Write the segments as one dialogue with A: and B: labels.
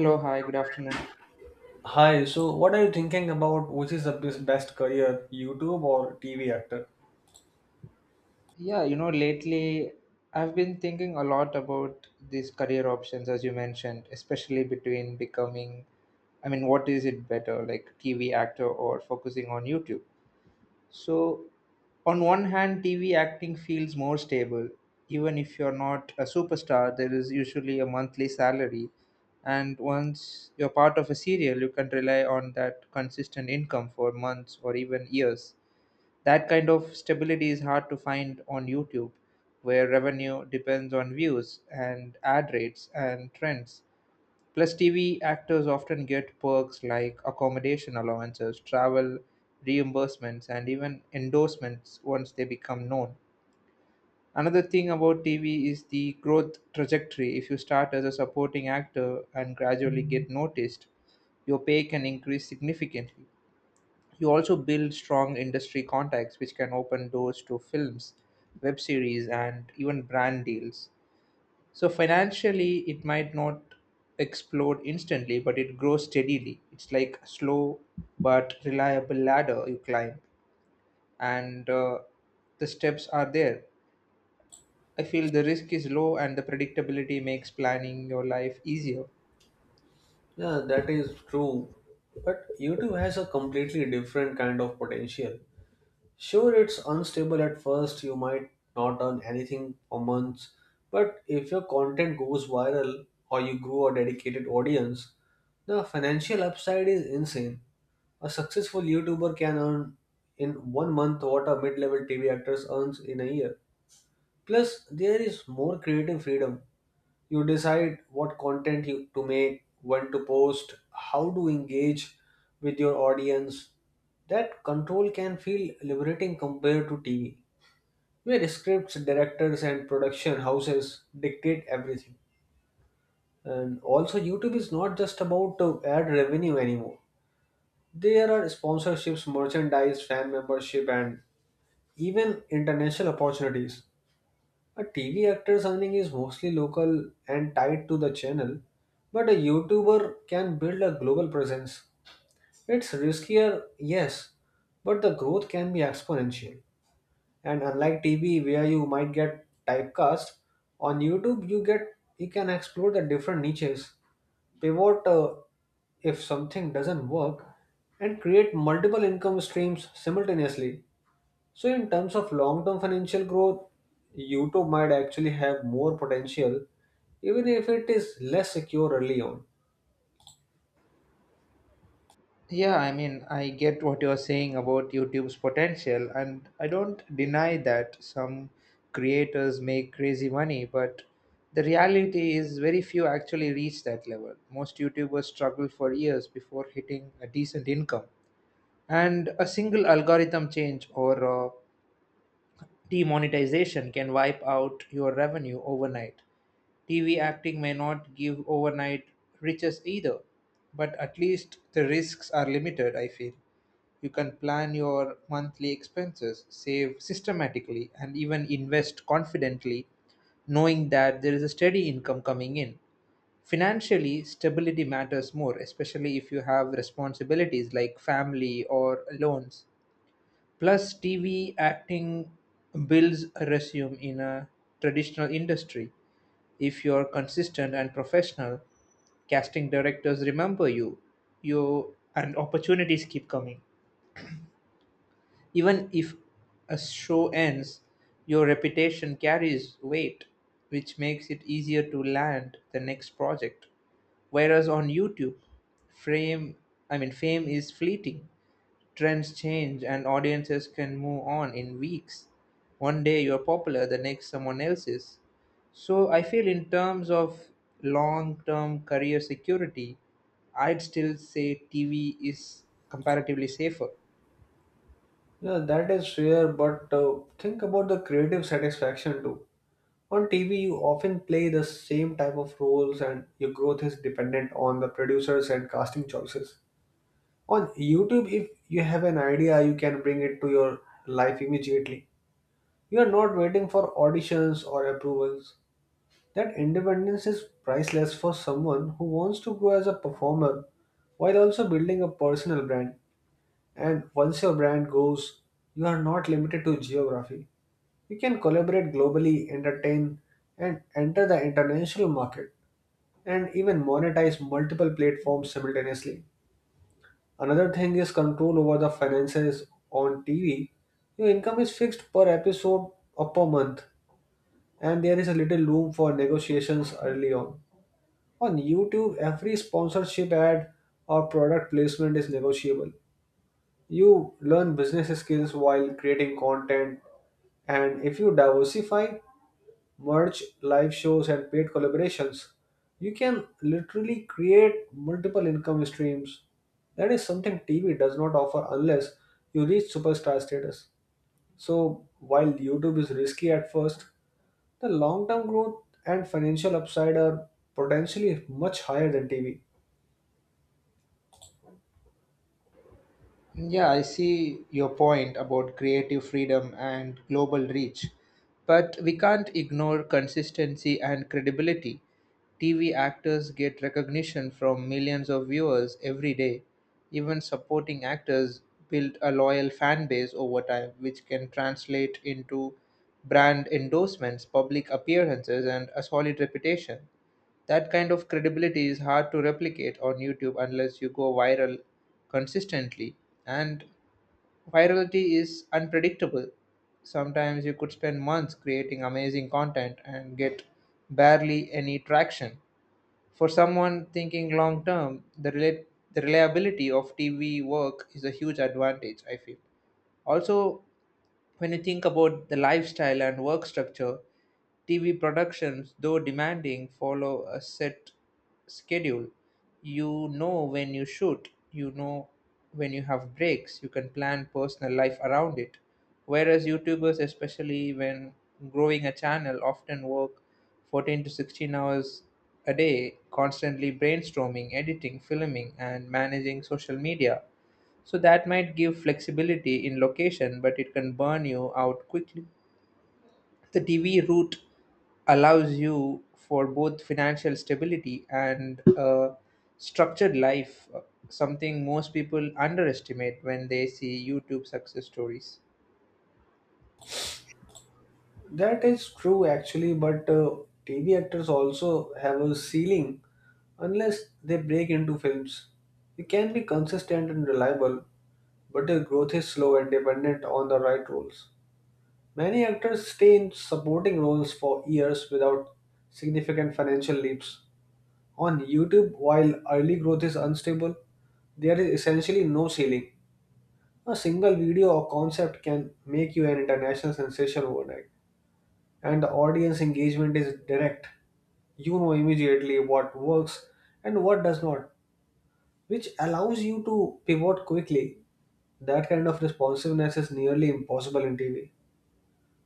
A: Hello, hi, good afternoon.
B: Hi, so what are you thinking about which is the best career, YouTube or TV actor?
A: Lately I've been thinking a lot about these career options, as you mentioned, especially between what is it better, like TV actor or focusing on YouTube? So, on one hand, TV acting feels more stable. Even if you're not a superstar, there is usually a monthly salary. And once you're part of a serial, you can rely on that consistent income for months or even years. That kind of stability is hard to find on YouTube, where revenue depends on views and ad rates and trends. Plus, TV actors often get perks like accommodation allowances, travel reimbursements, and even endorsements once they become known. Another thing about TV is the growth trajectory. If you start as a supporting actor and gradually get noticed, your pay can increase significantly. You also build strong industry contacts, which can open doors to films, web series, and even brand deals. So, financially, it might not explode instantly, but it grows steadily. It's like a slow but reliable ladder you climb, and the steps are there. I feel the risk is low, and the predictability makes planning your life easier.
B: Yeah, that is true. But YouTube has a completely different kind of potential. Sure, it's unstable at first, you might not earn anything for months, but if your content goes viral or you grow a dedicated audience, the financial upside is insane. A successful YouTuber can earn in one month what a mid level TV actor earns in a year. Plus, there is more creative freedom. You decide what content to make, when to post, how to engage with your audience. That control can feel liberating compared to TV, where scripts, directors, and production houses dictate everything. And also, YouTube is not just about to add revenue anymore. There are sponsorships, merchandise, fan membership, and even international opportunities. A TV actor's earning is mostly local and tied to the channel, but a YouTuber can build a global presence. It's riskier, yes, but the growth can be exponential. And unlike TV where you might get typecast, on YouTube you can explore the different niches, pivot if something doesn't work, and create multiple income streams simultaneously. So, in terms of long term financial growth, YouTube might actually have more potential, even if it is less secure early on.
A: Yeah, I mean, I get what you're saying about YouTube's potential, and I don't deny that some creators make crazy money, but the reality is very few actually reach that level. Most YouTubers struggle for years before hitting a decent income, and a single algorithm change or demonetization can wipe out your revenue overnight. TV acting may not give overnight riches either, but at least the risks are limited, I feel. You can plan your monthly expenses, save systematically, and even invest confidently, knowing that there is a steady income coming in. Financially, stability matters more, especially if you have responsibilities like family or loans. Plus, TV acting builds a resume in a traditional industry. If you're consistent and professional, casting directors remember you and opportunities keep coming even if a show ends, your reputation carries weight, which makes it easier to land the next project. Whereas on YouTube, frame I mean fame is fleeting. Trends change and audiences can move on in weeks. One day you're popular, the next someone else is. So I feel in terms of long-term career security, I'd still say TV is comparatively safer.
B: Yeah, that is fair, but think about the creative satisfaction too. On TV, you often play the same type of roles, and your growth is dependent on the producers and casting choices. On YouTube, if you have an idea, you can bring it to your life immediately. You are not waiting for auditions or approvals. That independence is priceless for someone who wants to grow as a performer while also building a personal brand. And once your brand goes, you are not limited to geography. You can collaborate globally, entertain, and enter the international market, and even monetize multiple platforms simultaneously. Another thing is control over the finances on TV. Your income is fixed per episode or per month, and there is a little room for negotiations early on. On YouTube, every sponsorship ad or product placement is negotiable. You learn business skills while creating content, and if you diversify, merch, live shows, and paid collaborations, you can literally create multiple income streams. That is something TV does not offer unless you reach superstar status. So, while YouTube is risky at first, the long term growth and financial upside are potentially much higher than TV.
A: Yeah, I see your point about creative freedom and global reach, but we can't ignore consistency and credibility. TV actors get recognition from millions of viewers every day. Even supporting actors build a loyal fan base over time, which can translate into brand endorsements, public appearances, and a solid reputation. That kind of credibility is hard to replicate on YouTube unless you go viral consistently. And virality is unpredictable. Sometimes you could spend months creating amazing content and get barely any traction. For someone thinking long term, the reliability of TV work is a huge advantage, I feel. Also, when you think about the lifestyle and work structure, TV productions, though demanding, follow a set schedule. You know when you shoot, you know when you have breaks, you can plan personal life around it. Whereas YouTubers, especially when growing a channel, often work 14 to 16 hours a day, constantly brainstorming, editing, filming, and managing social media. So that might give flexibility in location, but it can burn you out quickly. The TV route allows you for both financial stability and a structured life, something most people underestimate when they see YouTube success stories.
B: That is true actually, but TV actors also have a ceiling unless they break into films. You can be consistent and reliable, but their growth is slow and dependent on the right roles. Many actors stay in supporting roles for years without significant financial leaps. On YouTube, while early growth is unstable, there is essentially no ceiling. A single video or concept can make you an international sensation overnight, and the audience engagement is direct. You know immediately what works and what does not, which allows you to pivot quickly. That kind of responsiveness is nearly impossible in TV,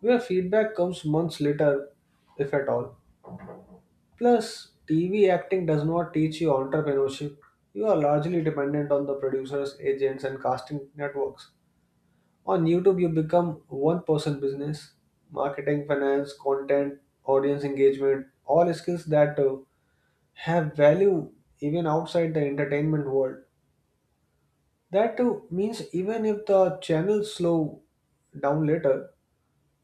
B: where feedback comes months later, if at all. Plus, TV acting does not teach you entrepreneurship. You are largely dependent on the producers, agents, and casting networks. On YouTube, you become one person business marketing, finance, content, audience engagement, all skills that have value even outside the entertainment world. That too means even if the channels slow down later,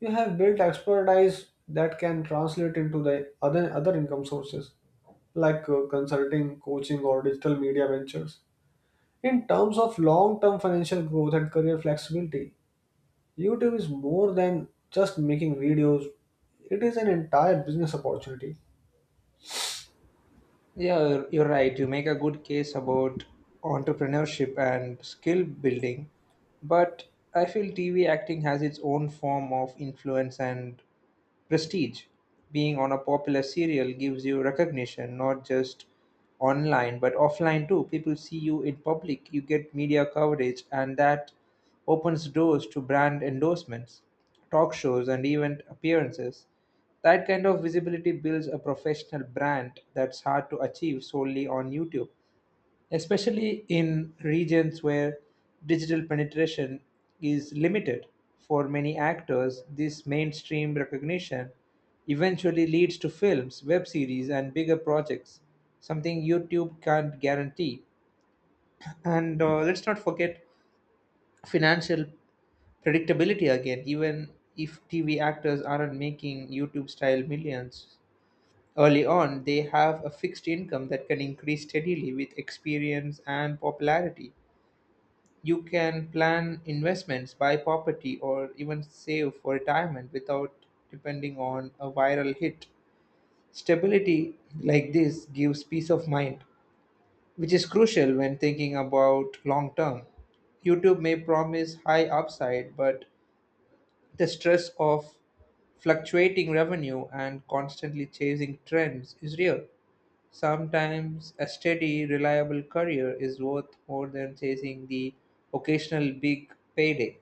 B: you have built expertise that can translate into the other income sources like consulting, coaching, or digital media ventures. In terms of long-term financial growth and career flexibility, YouTube is more than just making videos. It is an entire business opportunity.
A: Yeah, you're right. You make a good case about entrepreneurship and skill building, but I feel TV acting has its own form of influence and prestige, being on a popular serial gives you recognition not just online but offline too. People see you in public, you get media coverage, and that opens doors to brand endorsements, talk shows, and event appearances. That kind of visibility builds a professional brand that's hard to achieve solely on YouTube, especially in regions where digital penetration is limited. For many actors, this mainstream recognition eventually leads to films, web series, and bigger projects, something YouTube can't guarantee. And let's not forget financial predictability again, even if TV actors aren't making YouTube style millions. Early on, they have a fixed income that can increase steadily with experience and popularity. You can plan investments, buy property, or even save for retirement without depending on a viral hit. Stability like this gives peace of mind, which is crucial when thinking about long term. YouTube may promise high upside, but the stress of fluctuating revenue and constantly chasing trends is real. Sometimes a steady, reliable career is worth more than chasing the occasional big payday.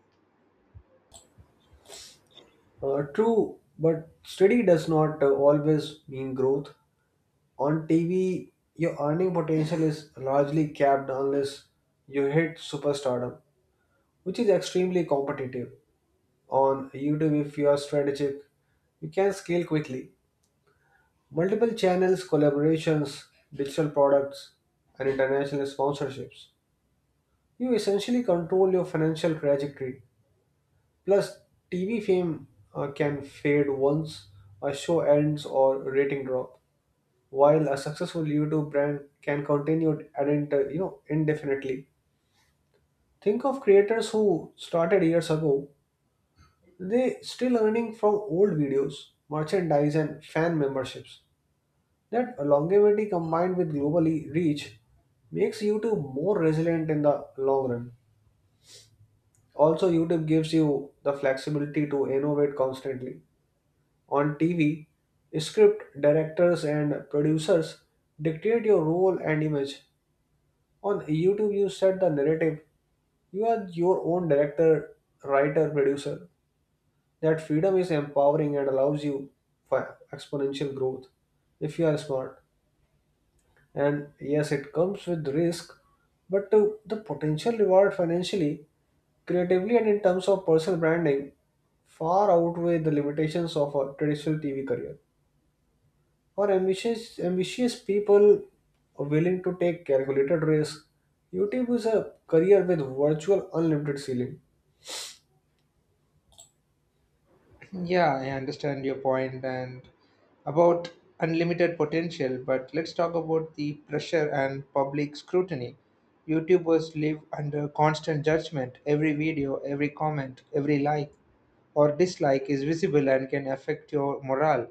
B: True, but steady does not always mean growth. On TV, your earning potential is largely capped unless you hit superstardom, which is extremely competitive. On YouTube, if you are strategic, you can scale quickly. Multiple channels, collaborations, digital products, and international sponsorships. You essentially control your financial trajectory. Plus, TV fame can fade once a show ends or rating drop. While a successful YouTube brand can continue indefinitely. Think of creators who started years ago. They still earning from old videos, merchandise, and fan memberships. That longevity combined with globally reach makes YouTube more resilient in the long run. Also, YouTube gives you the flexibility to innovate constantly. On TV, script directors and producers dictate your role and image. On YouTube, you set the narrative. You are your own director, writer, producer. That freedom is empowering and allows you for exponential growth if you are smart. And yes, it comes with risk, but the potential reward financially, creatively, and in terms of personal branding far outweigh the limitations of a traditional TV career. For ambitious people willing to take calculated risks, YouTube is a career with virtual unlimited ceiling.
A: Yeah, I understand your point and about unlimited potential, but let's talk about the pressure and public scrutiny. YouTubers live under constant judgment. Every video, every comment, every like or dislike is visible and can affect your morale.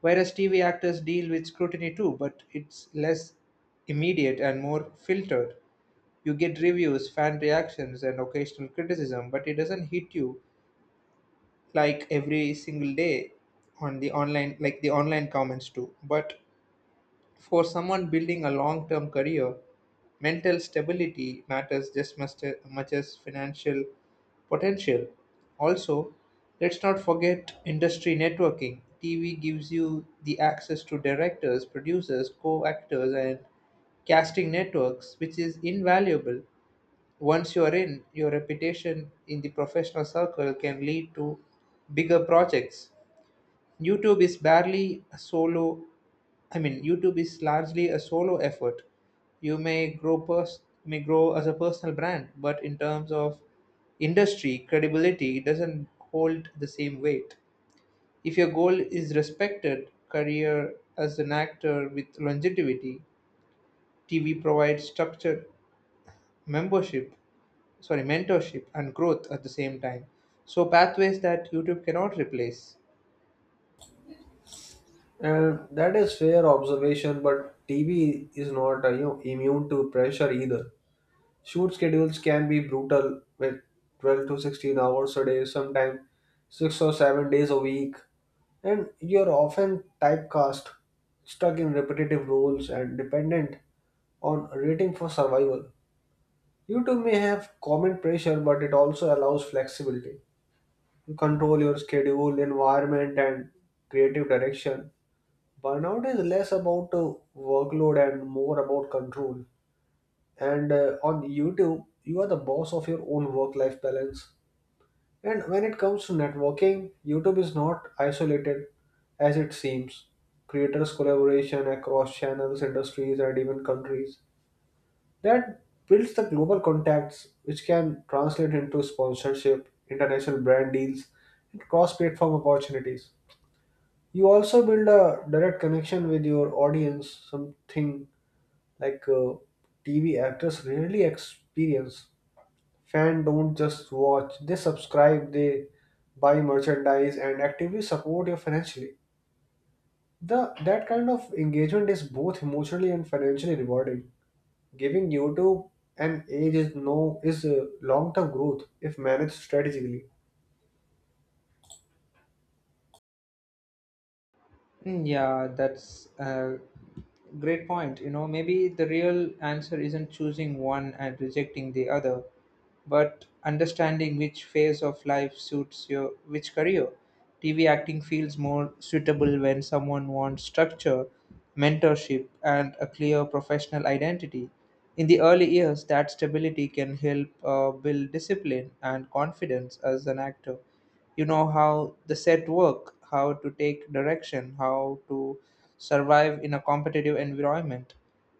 A: Whereas TV actors deal with scrutiny too, but it's less immediate and more filtered. You get reviews, fan reactions, and occasional criticism, but it doesn't hit you like every single day on the online like the online comments too. But for someone building a long term career, mental stability matters just as much as financial potential. Also, let's not forget industry networking. TV gives you the access to directors, producers, co-actors, and casting networks, which is invaluable. Once you're in, your reputation in the professional circle can lead to bigger projects. YouTube is barely a solo, YouTube is largely a solo effort. You may may grow as a personal brand, but in terms of industry credibility, it doesn't hold the same weight. If your goal is respected career as an actor with longevity, TV provides structured membership sorry mentorship and growth at the same time, so pathways that YouTube cannot replace.
B: And that is fair observation, but TV is not immune to pressure either. Shoot schedules can be brutal with 12 to 16 hours a day, sometimes 6 or 7 days a week, and you're often typecast, stuck in repetitive roles, and dependent on rating for survival. YouTube may have common pressure, but it also allows flexibility. You control your schedule, environment, and creative direction. Burnout is less about workload and more about control. And on YouTube, you are the boss of your own work life balance. And when it comes to networking, YouTube is not isolated as it seems. Creators' collaboration across channels, industries, and even countries that builds the global contacts, which can translate into sponsorship, international brand deals, and cross platform opportunities. You also build a direct connection with your audience, something like TV actors rarely experience. Fans don't just watch, they subscribe, they buy merchandise, and actively support you financially. That kind of engagement is both emotionally and financially rewarding. Giving YouTube an age is long-term growth if managed strategically.
A: Mm, yeah, that's a great point. You know, maybe the real answer isn't choosing one and rejecting the other, but understanding which phase of life suits your which career. TV acting feels more suitable when someone wants structure, mentorship, and a clear professional identity. In the early years, that stability can help build discipline and confidence as an actor. You know how the set work, how to take direction, how to survive in a competitive environment.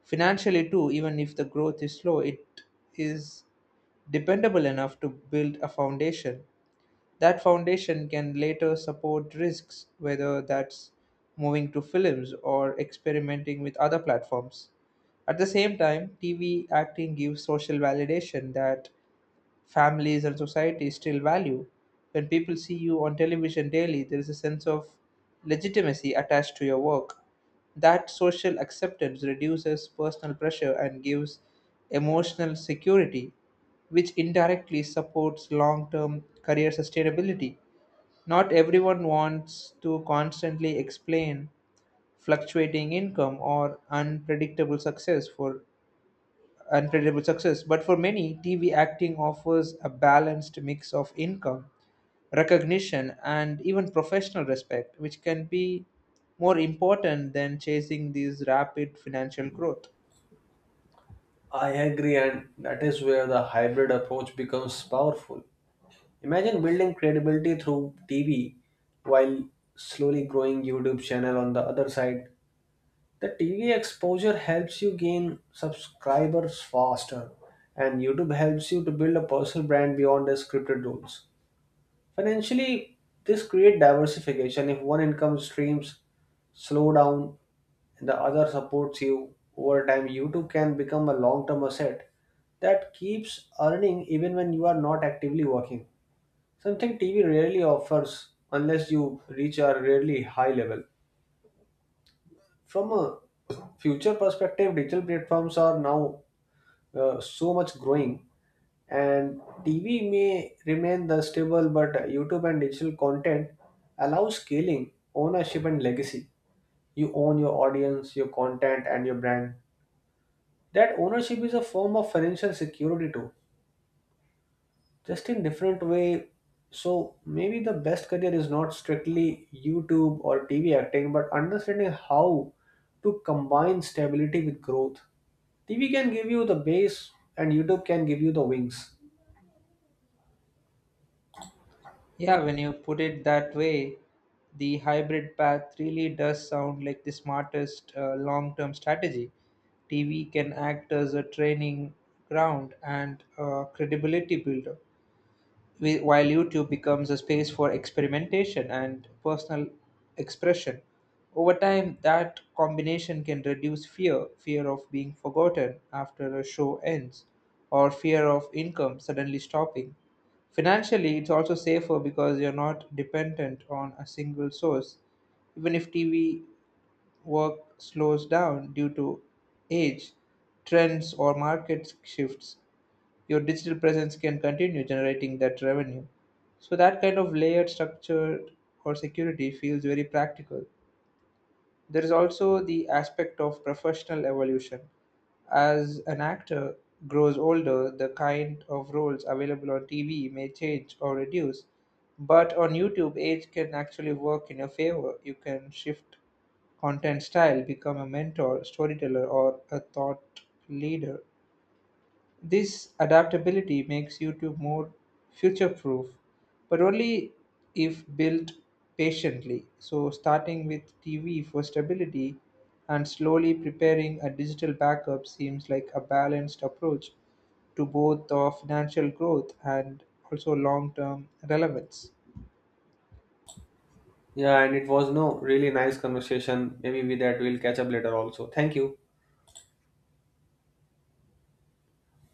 A: Financially too, even if the growth is slow, it is dependable enough to build a foundation. That foundation can later support risks, whether that's moving to films or experimenting with other platforms. At the same time, TV acting gives social validation that families and society still value. When people see you on television daily, there is a sense of legitimacy attached to your work. That social acceptance reduces personal pressure and gives emotional security, which indirectly supports long term career sustainability. Not everyone wants to constantly explain fluctuating income or unpredictable success. But for many, TV acting offers a balanced mix of income, recognition, and even professional respect, which can be more important than chasing these rapid financial growth.
B: I agree, and that is where the hybrid approach becomes powerful. Imagine building credibility through TV while slowly growing YouTube channel on the other side. The TV exposure helps you gain subscribers faster, and YouTube helps you to build a personal brand beyond the scripted roles. Financially, this creates diversification. If one income streams slow down, the other supports you over time, you too can become a long term asset that keeps earning even when you are not actively working. Something TV rarely offers unless you reach a really high level. From a future perspective, digital platforms are now so much growing, and TV may remain the stable, but YouTube and digital content allow scaling, ownership, and legacy. You own your audience, your content, and your brand. That ownership is a form of financial security too, just in different way. So maybe the best career is not strictly YouTube or TV acting, but understanding how to combine stability with growth. TV can give you the base, and YouTube can give you the wings.
A: Yeah, when you put it that way, the hybrid path really does sound like the smartest long term strategy. TV can act as a training ground and a credibility builder. While YouTube becomes a space for experimentation and personal expression, over time that combination can reduce fear of being forgotten after a show ends, or fear of income suddenly stopping. Financially, it's also safer because you're not dependent on a single source. Even if TV work slows down due to age, trends, or market shifts, your digital presence can continue generating that revenue. So that kind of layered structure or security feels very practical. There is also the aspect of professional evolution. As an actor grows older, the kind of roles available on TV may change or reduce. But on YouTube, age can actually work in your favor. You can shift content style, become a mentor, storyteller, or a thought leader. This adaptability makes YouTube more future proof, but only if built patiently. So, starting with TV for stability and slowly preparing a digital backup seems like a balanced approach to both of financial growth and also long term relevance.
B: Yeah, and it was no really nice conversation. Maybe with that we'll catch up later. Also, thank you.